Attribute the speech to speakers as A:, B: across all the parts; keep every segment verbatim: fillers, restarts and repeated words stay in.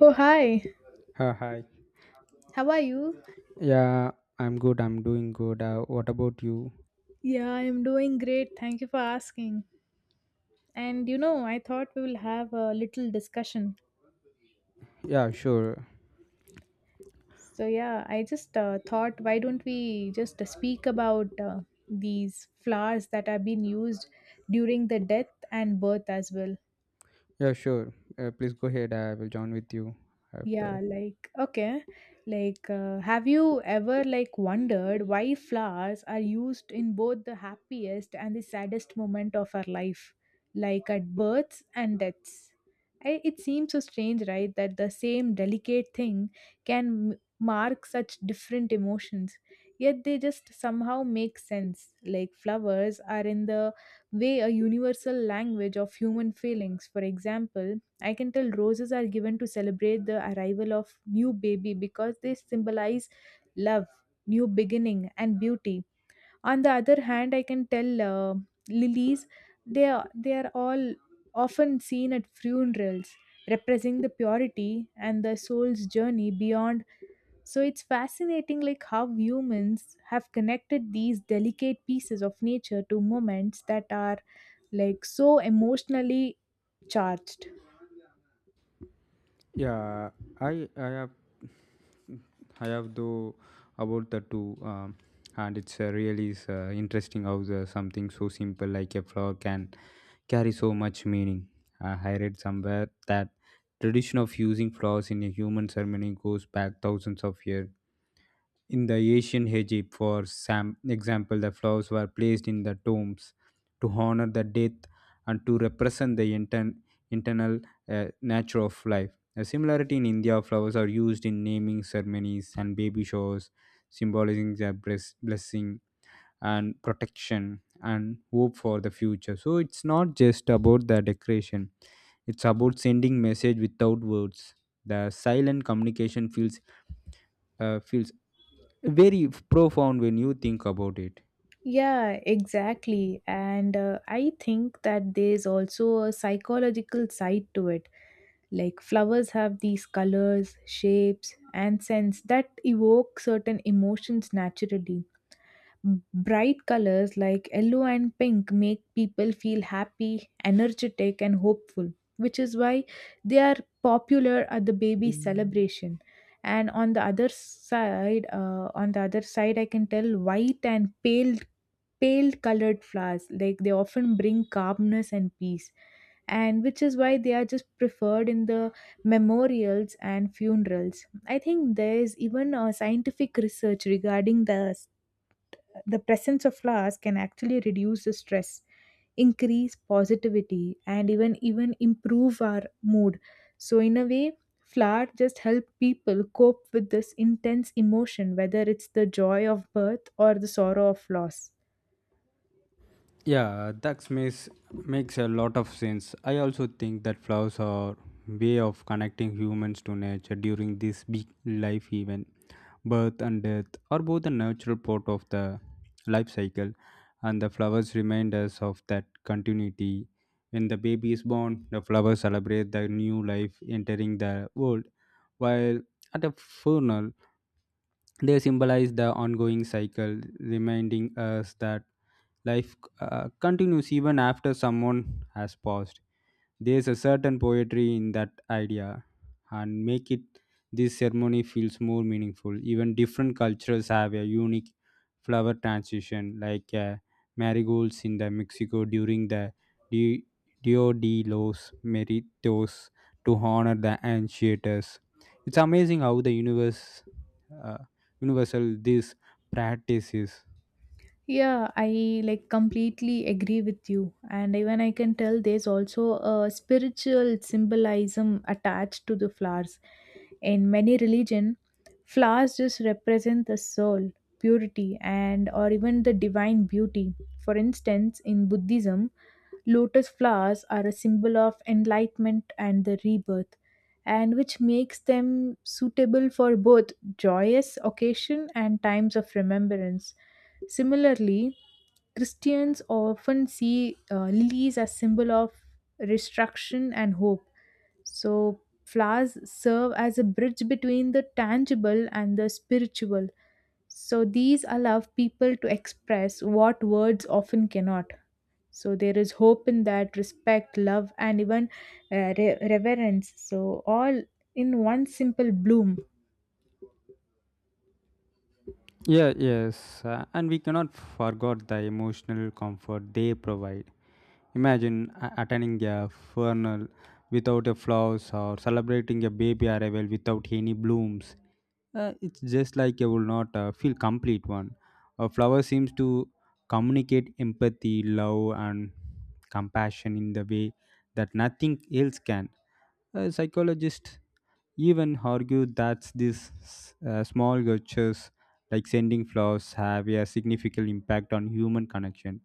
A: Oh, hi.
B: Uh, hi.
A: How are you?
B: Yeah, I'm good. I'm doing good. Uh, what about you?
A: Yeah, I'm doing great. Thank you for asking. And you know, I thought we will have a little discussion.
B: Yeah, sure.
A: So, yeah, I just uh, thought, why don't we just speak about uh, these flowers that have been used during the death and birth as well?
B: Yeah, sure. Uh, please go ahead. I will join with you
A: Yeah,
B: after.
A: like okay. Like uh, have you ever like wondered why flowers are used in both the happiest and the saddest moment of our life, like at births and deaths? I, it seems so strange, right, that the same delicate thing can m- mark such different emotions, yet they just somehow make sense. Like flowers are in the way a universal language of human feelings. For example, I can tell roses are given to celebrate the arrival of new baby because they symbolize love, new beginning and beauty. On the other hand, I can tell uh, lilies they are, they are all often seen at funerals representing the purity and the soul's journey beyond. So it's fascinating like how humans have connected these delicate pieces of nature to moments that are like so emotionally charged.
B: Yeah, I I have I have though about the two, um, and it's uh, really is, uh, interesting how the, something so simple like a flower can carry so much meaning. Uh, I read somewhere that tradition of using flowers in a human ceremony goes back thousands of years. In the ancient Egypt, for sam- example, the flowers were placed in the tombs to honor the death and to represent the inter- internal uh, nature of life. A similarity in India, flowers are used in naming ceremonies and baby showers, symbolizing their bless- blessing and protection and hope for the future. So it's not just about the decoration; it's about sending message without words. The silent communication feels uh, feels very f- profound when you think about it.
A: Yeah, exactly. And uh, I think that there's also a psychological side to it. Like flowers have these colors, shapes, and scents that evoke certain emotions naturally. Bright colors like yellow and pink make people feel happy, energetic, and hopeful, which is why they are popular at the baby celebration. And on the other side, uh, On the other side, I can tell white and pale, pale colored flowers like they often bring calmness and peace, and which is why they are just preferred in the memorials and funerals. I think there is even a scientific research regarding the the presence of flowers can actually reduce the stress, increase positivity, and even even improve our mood. So in a way, flowers just help people cope with this intense emotion, whether it's the joy of birth or the sorrow of loss.
B: Yeah, that makes makes a lot of sense. I also think that flowers are way of connecting humans to nature during this big life event. Birth and death are both a natural part of the life cycle, and the flowers remind us of that continuity. When the baby is born, the flowers celebrate the new life entering the world, while at a funeral, they symbolize the ongoing cycle, reminding us that life uh, continues even after someone has passed. There's a certain poetry in that idea, and make it this ceremony feels more meaningful. Even different cultures have a unique flower transition, like uh, marigolds in the Mexico during the Di- Dio de los Meritos to honor the ancients. It's amazing how the universe uh, universal these practices.
A: Yeah, I like completely agree with you. And even I can tell there's also a spiritual symbolism attached to the flowers. In many religion, flowers just represent the soul, purity, and or even the divine beauty. For instance, in Buddhism, lotus flowers are a symbol of enlightenment and the rebirth, and which makes them suitable for both joyous occasion and times of remembrance. Similarly, Christians often see uh, lilies as symbol of restriction and hope. So, flowers serve as a bridge between the tangible and the spiritual. So, these allow people to express what words often cannot. So, there is hope in that, respect, love, and even uh, re- reverence. So, all in one simple bloom.
B: Yeah, yes, uh, and we cannot forget the emotional comfort they provide. Imagine a- attending a funeral without a flowers or celebrating a baby arrival without any blooms. Uh, it's just like you will not uh, feel complete one. A flower seems to communicate empathy, love, and compassion in the way that nothing else can. A psychologist even argued that these uh, small gestures like sending flowers have a significant impact on human connection.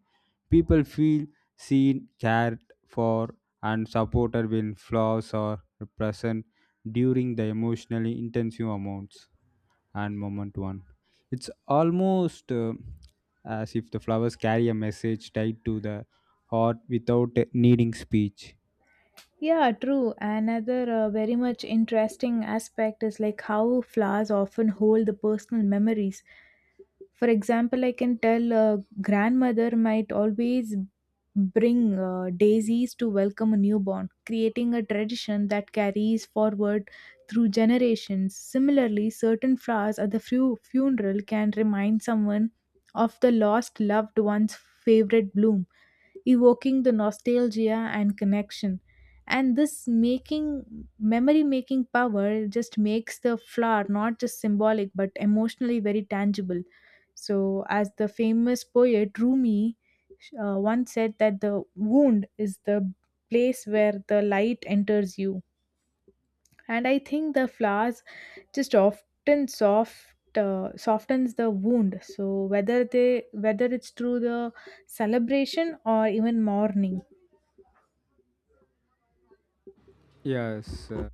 B: People feel seen, cared for, and supported when flowers are present during the emotionally intensive amounts and moment one. It's almost uh, as if the flowers carry a message tied to the heart without needing speech.
A: Yeah, true. Another uh, very much interesting aspect is like how flowers often hold the personal memories. For example, I can tell uh, grandmother might always bring uh, daisies to welcome a newborn, creating a tradition that carries forward through generations. Similarly, certain flowers at the fu- funeral can remind someone of the lost loved one's favorite bloom, evoking the nostalgia and connection, and this making memory making power just makes the flower not just symbolic but emotionally very tangible. So as the famous poet Rumi uh, once said, that the wound is the place where the light enters you. And I think the flowers just often soft uh, softens the wound, so whether they whether it's through the celebration or even mourning.
B: Yes, uh,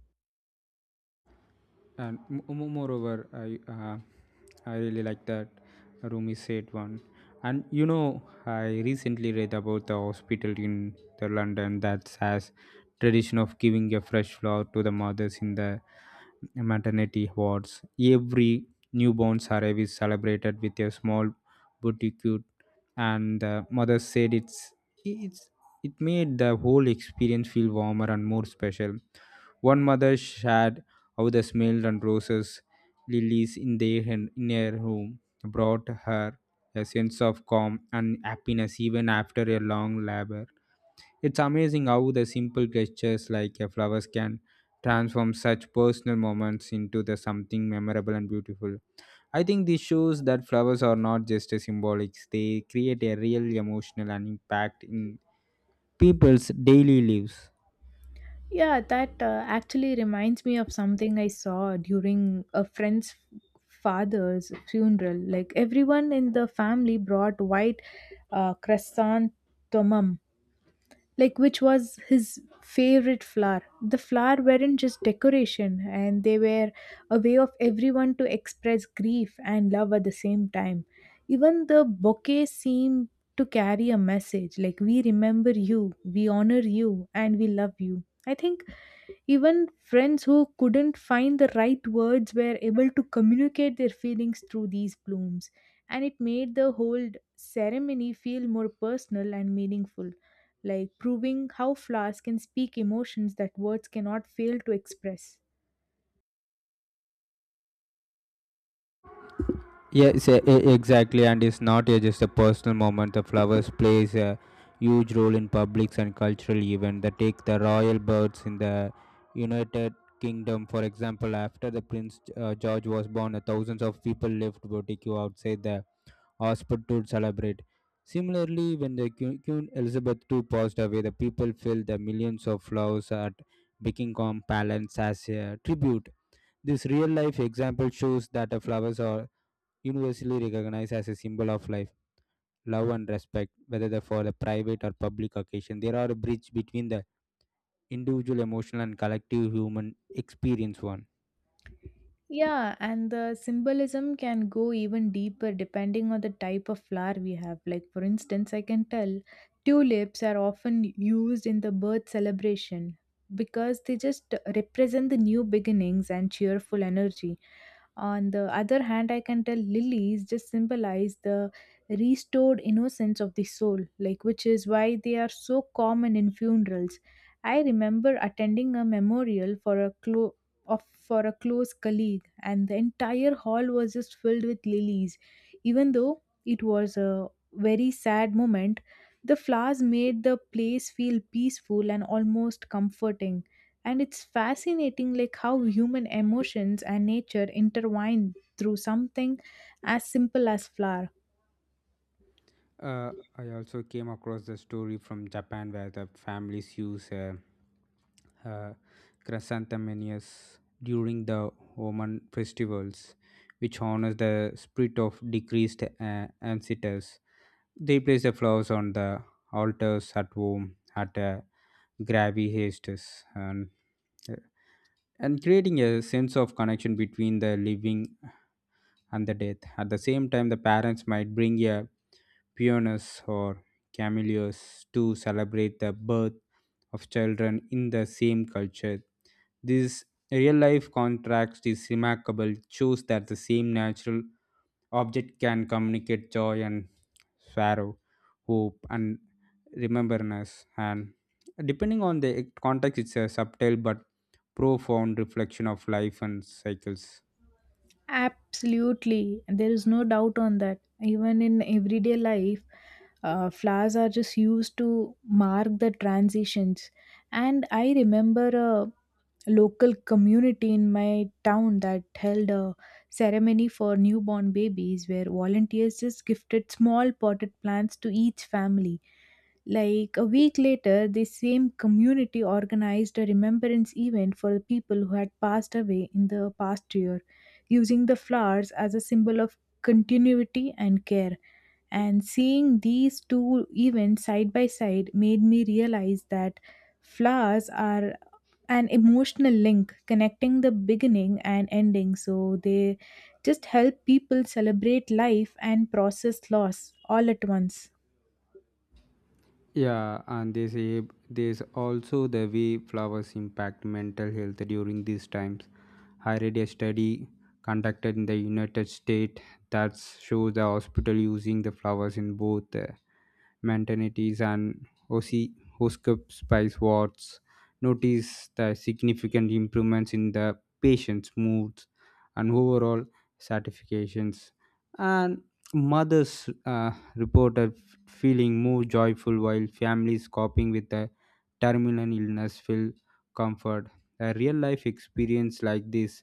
B: and moreover i uh, i really like that Rumi said one. And you know, I recently read about the hospital in the London that has tradition of giving a fresh flower to the mothers in the maternity wards. Every newborn arrival is celebrated with a small bouquet, and the mother said it's it's it made the whole experience feel warmer and more special. One mother shared how the smell and roses, lilies in their hen- in her room brought her a sense of calm and happiness even after a long labor. It's amazing how the simple gestures like a flowers can transform such personal moments into the something memorable and beautiful. I think this shows that flowers are not just a symbolics; they create a real emotional and impact in people's daily lives.
A: Yeah, that uh, actually reminds me of something I saw during a friend's father's funeral. Like everyone in the family brought white uh, cresson tomum, like which was his favorite flower. The flower weren't just decoration, and they were a way of everyone to express grief and love at the same time. Even the bouquet seemed to carry a message, like we remember you, we honor you, and we love you. I think even friends who couldn't find the right words were able to communicate their feelings through these blooms, and it made the whole ceremony feel more personal and meaningful, like proving how flowers can speak emotions that words cannot fail to express.
B: Yes, e- e- exactly, and it's not uh, just a personal moment. The flowers plays a huge role in publics and cultural events. They take the royal birds in the United Kingdom, for example. After the Prince uh, George was born, uh, thousands of people left boutique outside the hospital to celebrate. Similarly, when the Queen Queen Elizabeth the second passed away, the people filled the millions of flowers at Buckingham Palace as a tribute. This real-life example shows that the flowers are universally recognized as a symbol of life, love, and respect, whether they're for the private or public occasion. They are a bridge between the individual emotional and collective human experience. One.
A: Yeah, and the symbolism can go even deeper depending on the type of flower we have. Like, for instance, I can tell tulips are often used in the birth celebration because they just represent the new beginnings and cheerful energy. On the other hand, I can tell lilies just symbolize the restored innocence of the soul, like which is why they are so common in funerals. I remember attending a memorial for a clo- of for a close colleague, and the entire hall was just filled with lilies. Even though it was a very sad moment, the flowers made the place feel peaceful and almost comforting. And it's fascinating like how human emotions and nature intertwine through something as simple as flower.
B: Uh, I also came across the story from Japan where the families use uh, uh, chrysanthemums during the Roman festivals, which honors the spirit of deceased uh, ancestors. They place the flowers on the altars at home at uh, gravy hastes and uh, and creating a sense of connection between the living and the dead. At the same time, the parents might bring a peonies or camellias to celebrate the birth of children in the same culture. This real life contrast is remarkable, shows that the same natural object can communicate joy and sorrow, hope and remembrance. And depending on the context, it's a subtle but profound reflection of life and cycles.
A: Absolutely, there is no doubt on that. Even in everyday life, uh, flowers are just used to mark the transitions. And I remember a local community in my town that held a ceremony for newborn babies where volunteers just gifted small potted plants to each family. Like a week later, the same community organized a remembrance event for the people who had passed away in the past year, using the flowers as a symbol of continuity and care. And seeing these two events side by side made me realize that flowers are an emotional link connecting the beginning and ending. So they just help people celebrate life and process loss all at once.
B: Yeah, and they say there's also the way flowers impact mental health during these times. I a study conducted in the United States that shows the hospital using the flowers in both uh, maternities and O C spice wards. Notice the significant improvements in the patient's moods and overall satisfactions. And mothers uh, reported f- feeling more joyful while families coping with the terminal illness feel comfort. A real life experience like this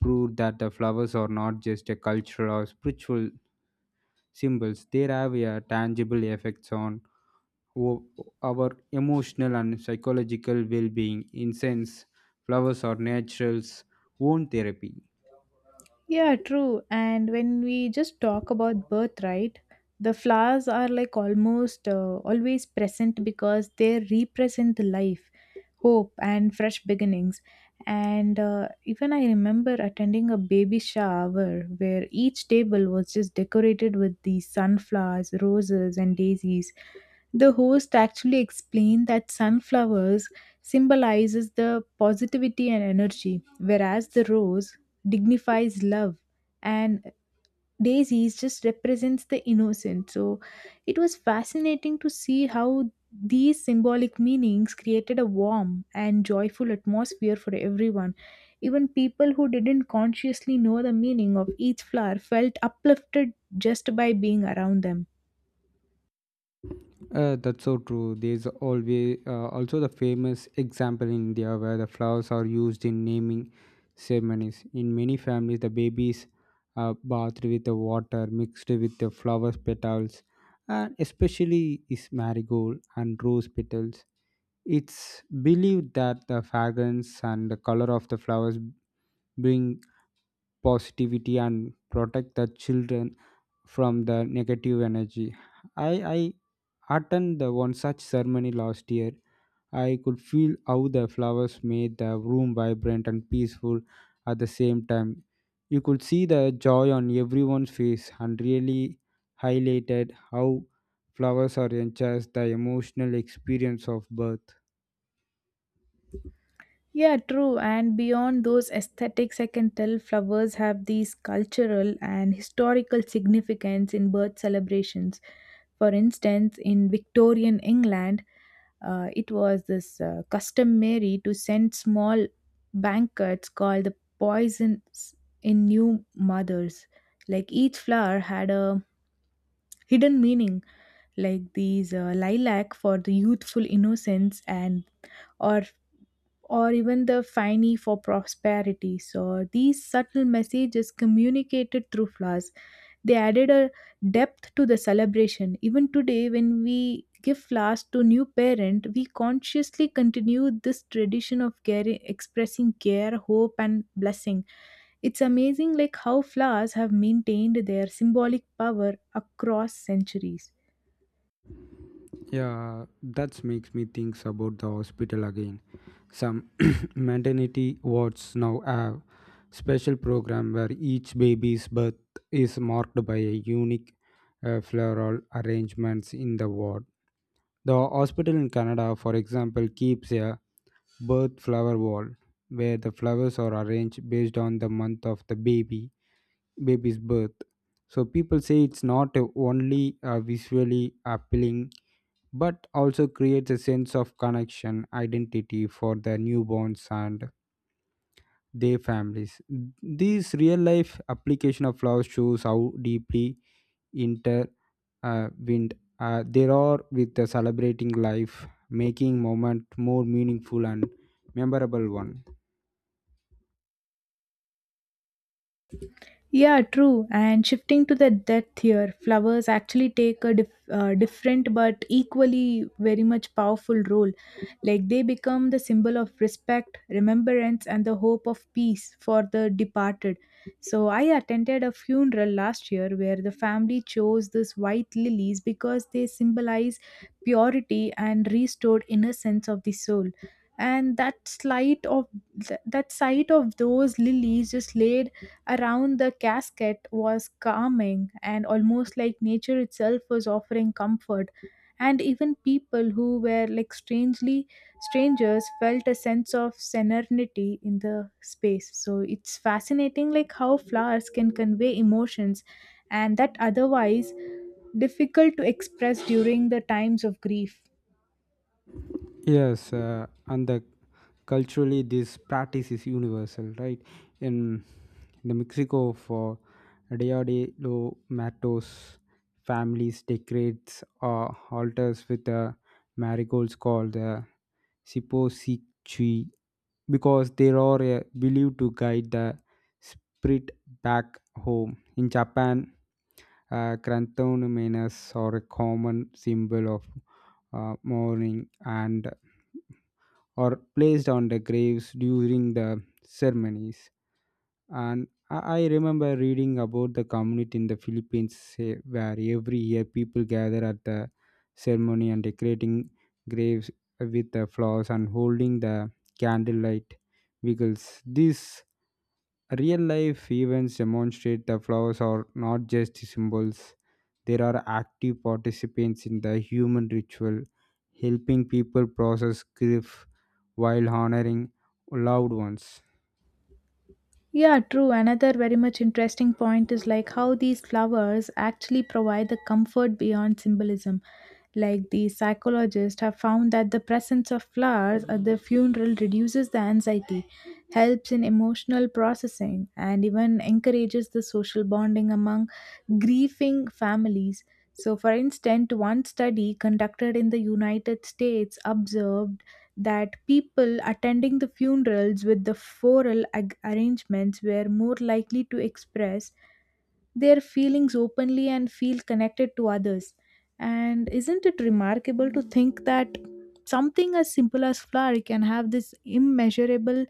B: proved that the flowers are not just a cultural or spiritual symbols, they have a tangible effects on o- our emotional and psychological well being. In sense, flowers are nature's own therapy.
A: Yeah, true. And when we just talk about birth, right? The flowers are like almost uh, always present because they represent life, hope, and fresh beginnings. And uh, even I remember attending a baby shower where each table was just decorated with these sunflowers, roses, and daisies. The host actually explained that sunflowers symbolizes the positivity and energy, whereas the rose dignifies love and daisies just represents the innocent. So it was fascinating to see how these symbolic meanings created a warm and joyful atmosphere for everyone. Even people who didn't consciously know the meaning of each flower felt uplifted just by being around them.
B: Uh, that's so true. There's always uh, also the famous example in India where the flowers are used in naming ceremonies. In many families, the babies are bathed with the water mixed with the flowers petals, and especially is marigold and rose petals. It's believed that the fragrance and the color of the flowers bring positivity and protect the children from the negative energy. I I attend the one such ceremony last year. I could feel how the flowers made the room vibrant and peaceful at the same time. You could see the joy on everyone's face and really highlighted how flowers are enhanced the emotional experience of birth.
A: Yeah, true. And beyond those aesthetics, I can tell flowers have these cultural and historical significance in birth celebrations. For instance, in Victorian England, uh, it was this uh, customary to send small banquets called the poisons in new mothers. Like each flower had a hidden meaning, like these uh, lilac for the youthful innocence and or or even the "Fini for prosperity." So these subtle messages communicated through flowers. They added a depth to the celebration. Even today, when we give flowers to new parent, we consciously continue this tradition of care, expressing care, hope, and blessing. It's amazing, like how flowers have maintained their symbolic power across centuries.
B: Yeah, that makes me think about the hospital again. Some maternity wards now have special program where each baby's birth is marked by a unique uh, floral arrangements in the ward. The hospital in Canada, for example, keeps a birth flower wall where the flowers are arranged based on the month of the baby baby's birth. So people say it's not uh, only uh, visually appealing but also creates a sense of connection, identity for the newborns and their families. This real life application of love shows how deeply intertwined uh, wind, uh, there are with the celebrating life, making moment more meaningful and memorable one.
A: Yeah, true. And shifting to the depth here, flowers actually take a dif- uh, different but equally very much powerful role. Like they become the symbol of respect, remembrance, and the hope of peace for the departed. So I attended a funeral last year where the family chose these white lilies because they symbolize purity and restored innocence of the soul. And that sight of th- that sight of those lilies just laid around the casket was calming, and almost like nature itself was offering comfort. And even people who were like strangely strangers felt a sense of serenity in the space. So it's fascinating like how flowers can convey emotions, and that otherwise difficult to express during the times of grief.
B: Yes, uh, and the culturally this practice is universal, right? In the Mexico for Dia de los Matos, families decorates uh, altars with the marigolds called the Siposichui because they are uh, believed to guide the spirit back home. In Japan, uh, chrysanthemums are a common symbol of uh, mourning and or placed on the graves during the ceremonies. And I I remember reading about the community in the Philippines eh, where every year people gather at the ceremony and decorating graves with the flowers and holding the candlelight vigils. This real life events demonstrate the flowers are not just symbols, there are active participants in the human ritual, helping people process grief while honoring loved ones.
A: Yeah, true. Another very much interesting point is like how these flowers actually provide the comfort beyond symbolism. Like the psychologists have found that the presence of flowers at the funeral reduces the anxiety, helps in emotional processing, and even encourages the social bonding among grieving families. So, for instance, one study conducted in the United States observed that people attending the funerals with the floral ag- arrangements were more likely to express their feelings openly and feel connected to others. And isn't it remarkable to think that something as simple as flower can have this immeasurable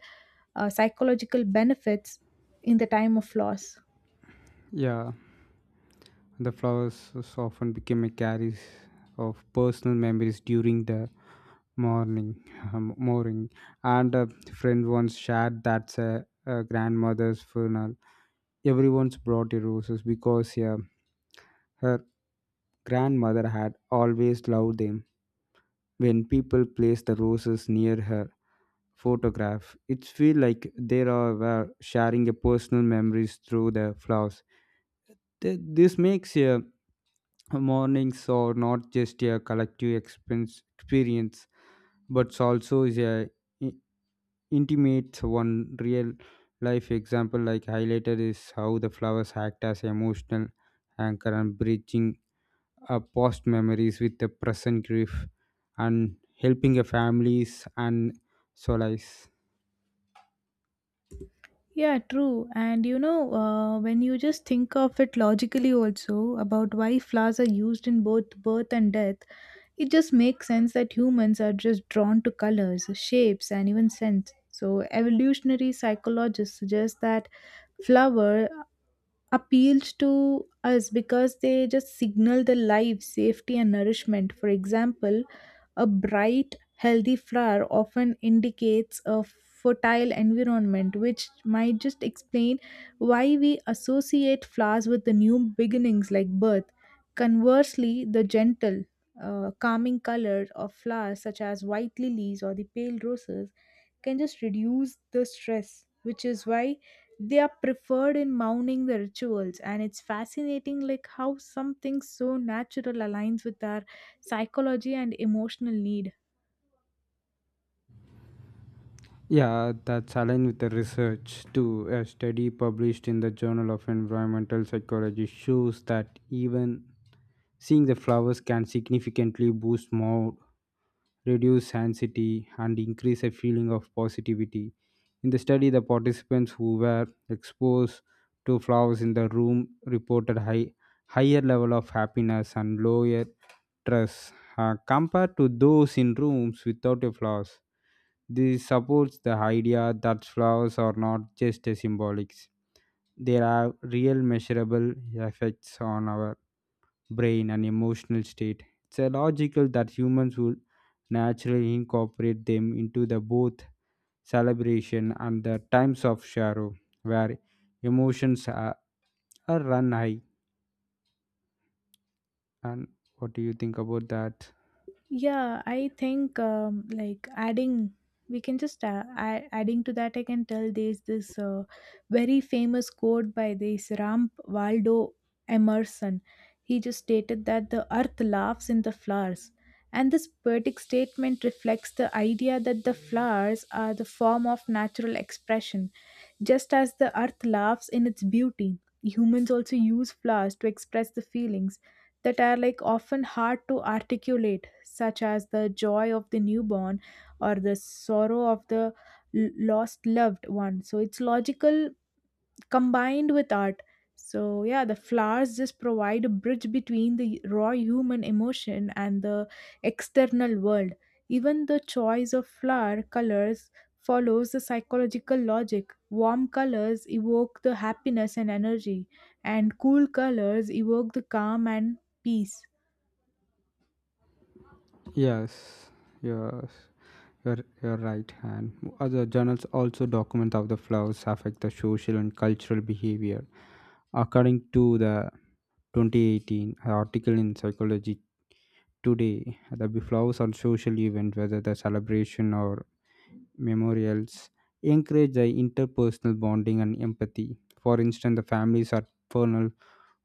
A: uh, psychological benefits in the time of loss?
B: Yeah. The flowers often became a carries of personal memories during the morning, morning. And a friend once shared that a, a grandmother's funeral. Everyone's brought a roses because yeah, her grandmother had always loved them. When people placed the roses near her photograph, it feel like they are were sharing a personal memories through the flowers. Th- This makes a mornings are not just a collective expense experience but also is a i- intimate one. Real life example like highlighted is how the flowers act as emotional anchor and bridging uh, past memories with the present grief and helping a families and solace.
A: Yeah, true. And you know, uh, when you just think of it logically, also about why flowers are used in both birth and death, it just makes sense that humans are just drawn to colors, shapes, and even scents. So, evolutionary psychologists suggest that flower appeals to us because they just signal the life, safety, and nourishment. For example, a bright, healthy flower often indicates a fertile environment, which might just explain why we associate flowers with the new beginnings like birth. Conversely, the gentle, uh, calming color of flowers such as white lilies or the pale roses can just reduce the stress, which is why they are preferred in mounting the rituals. And it's fascinating, like how something so natural aligns with our psychology and emotional need.
B: Yeah, that's aligned with the research too. A study published in the journal of environmental psychology shows that even seeing the flowers can significantly boost mood, reduce anxiety, and increase a feeling of positivity. In the study, the participants who were exposed to flowers in the room reported high, higher level of happiness and lower stress uh, compared to those in rooms without a flowers. This supports the idea that flowers are not just a symbolics; they have real measurable effects on our brain and emotional state. It's a logical that humans will naturally incorporate them into the both celebration and the times of sorrow, where emotions are, are run high. And what do you think about that?
A: Yeah, I think um, like adding, we can just uh, add, adding to that. I can tell there's this uh, very famous quote by this Ram Waldo Emerson. He just stated that the earth laughs in the flowers, and this poetic statement reflects the idea that the flowers are the form of natural expression just as the earth laughs in its beauty, humans also use flowers to express the feelings that are like often hard to articulate, such as the joy of the newborn or the sorrow of the l- lost loved one. So it's logical combined with art. So, yeah, the flowers just provide a bridge between the raw human emotion and the external world. Even the choice of flower colors follows the psychological logic. Warm colors evoke the happiness and energy, and cool colors evoke the calm and peace.
B: Yes, yes, you're you're right. And other journals also document how the flowers affect the social and cultural behavior. According to the twenty eighteen article in psychology today, the beflows on social event whether the celebration or memorials encourage the interpersonal bonding and empathy. For instance, the families at funeral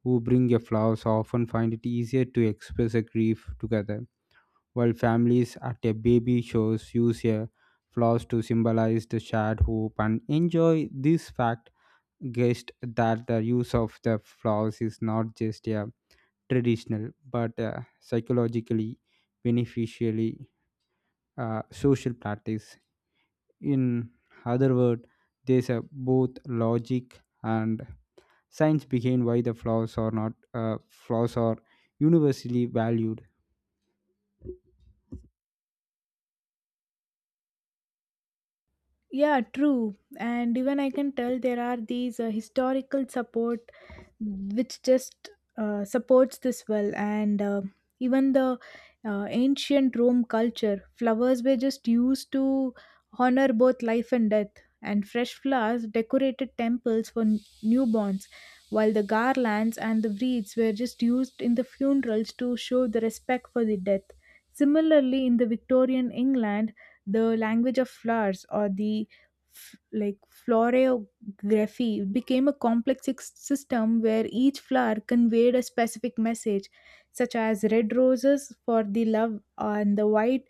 B: who bring a flowers often find it easier to express a grief together, while families at a baby shows use a flowers to symbolize the shared hope and enjoy. This fact guessed that the use of the flowers is not just a traditional but uh, psychologically beneficially uh, social practice. In other words, there's a both logic and science behind why the flaws are not uh, flaws are universally valued.
A: Yeah, true. And even I can tell there are these uh, historical support which just uh, supports this well. And uh, even the uh, ancient Rome culture, flowers were just used to honor both life and death. And fresh flowers decorated temples for n- newborns, while the garlands and the wreaths were just used in the funerals to show the respect for the death. Similarly, in the Victorian England, the language of flowers or the f- like florography became a complex ex- system where each flower conveyed a specific message such as red roses for the love and the white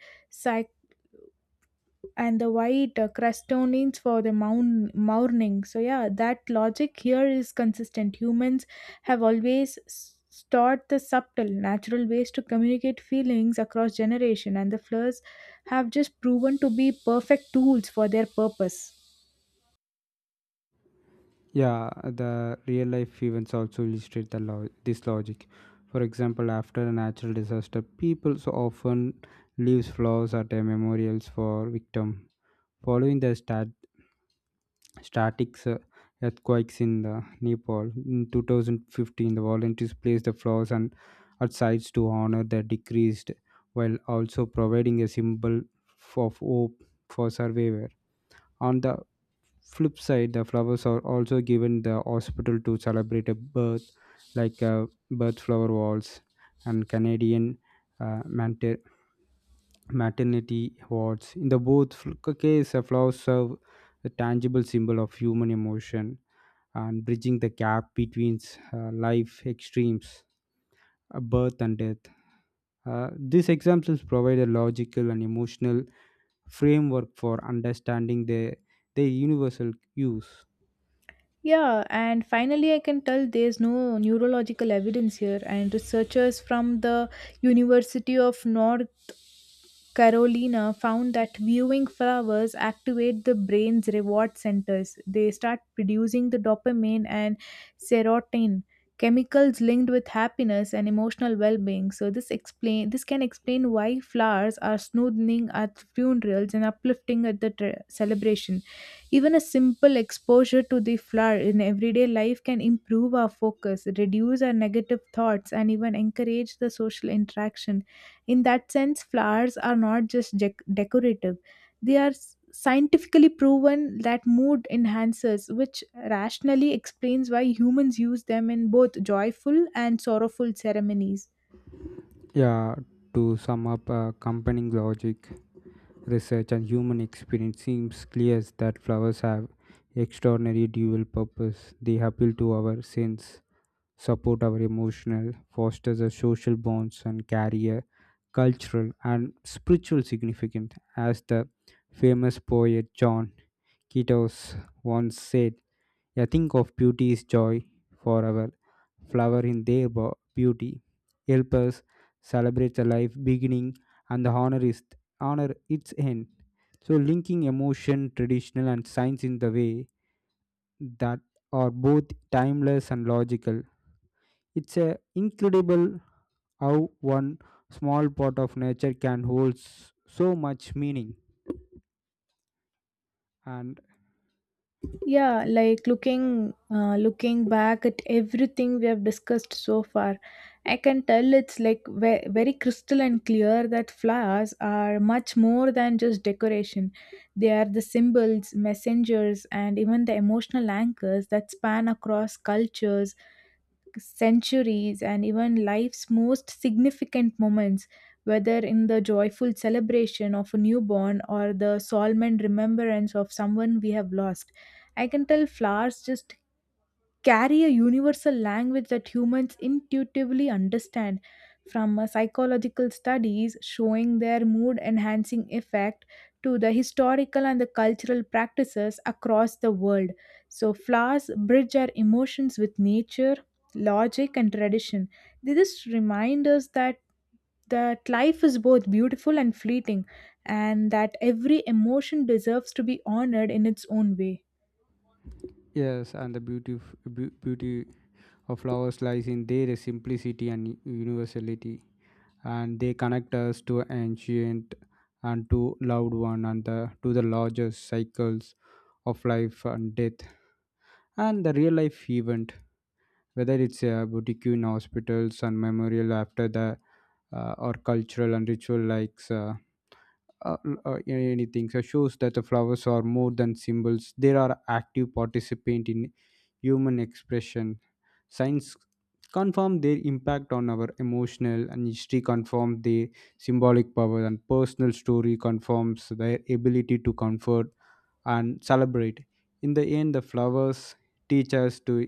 A: and the white uh, crustonines for the mound morning. So yeah, that logic here is consistent. Humans have always s- stored the subtle, natural ways to communicate feelings across generation, and the flowers have just proven to be perfect tools for their purpose.
B: Yeah, the real life events also illustrate the lo- this logic. For example, after a natural disaster, people so often leaves flowers at a memorials for victim. Following the stat- Static uh, earthquakes in the Nepal in two thousand fifteen, the volunteers placed the flowers and at sites to honor the deceased, while also providing a symbol f- of hope for survivor. On the flip side, the flowers are also given the hospital to celebrate a birth, like uh, birth flower walls and Canadian uh, manter- maternity wards. In the both fl- case, uh, flowers serve a tangible symbol of human emotion and bridging the gap between uh, life extremes, uh, birth and death. Uh, these examples provide a logical and emotional framework for understanding the their universal use.
A: Yeah, and finally, I can tell there's no neurological evidence here, and researchers from the University of North Carolina found that viewing flowers activate the brain's reward centers. They start producing the dopamine and serotonin, chemicals linked with happiness and emotional well-being. So this explain this can explain why flowers are soothing at funerals and uplifting at the tr celebration. Even a simple exposure to the flower in everyday life can improve our focus, reduce our negative thoughts, and even encourage the social interaction in that sense, flowers are not just dec- decorative, they are s- scientifically proven that mood enhancers, which rationally explains why humans use them in both joyful and sorrowful ceremonies.
B: Yeah, to sum up uh, accompanying logic, research, and human experience seems clear that flowers have extraordinary dual purpose. They appeal to our sense, support our emotional, fosters our social bonds, and carry a cultural and spiritual significance. As the famous poet John Keats once said, "I think of beauty is joy for our flower in their bo- beauty. Help us celebrate the life beginning and the honor is honor its end." So, linking emotion, traditional, and science in the way that are both timeless and logical. It's a incredible how one small part of nature can hold s- so much meaning. And
A: Yeah, like looking uh, looking back at everything we have discussed so far, I can tell it's like ve- very crystal and clear that flowers are much more than just decoration. They are the symbols, messengers, and even the emotional anchors that span across cultures, centuries, and even life's most significant moments, whether in the joyful celebration of a newborn or the solemn remembrance of someone we have lost. I can tell flowers just carry a universal language that humans intuitively understand, from uh, psychological studies showing their mood enhancing effect to the historical and the cultural practices across the world. So flowers bridge our emotions with nature, logic, and tradition. They just remind us that that life is both beautiful and fleeting, and that every emotion deserves to be honored in its own way.
B: yes, and the beauty of, beau- beauty of flowers lies in their simplicity and universality, and they connect us to ancient and to loved one and the, to the larger cycles of life and death. And the real life event whether it's a boutique in hospitals and memorial after the uh, or cultural and ritual likes uh, uh, uh, anything so shows that the flowers are more than symbols. They are active participant in human expression. Science confirm their impact on our emotional and history confirm their symbolic power and personal story confirms their ability to comfort and celebrate. In the end, the flowers teach us to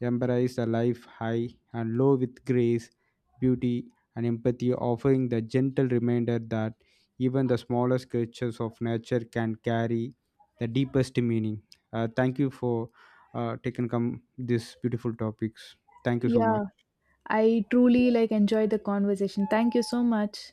B: embrace the life high and low with grace, beauty, and empathy, offering the gentle reminder that even the smallest creatures of nature can carry the deepest meaning. Uh, thank you for uh, taking come these beautiful topics. Thank you so much.
A: Yeah, I truly like enjoyed the conversation. Thank you so much.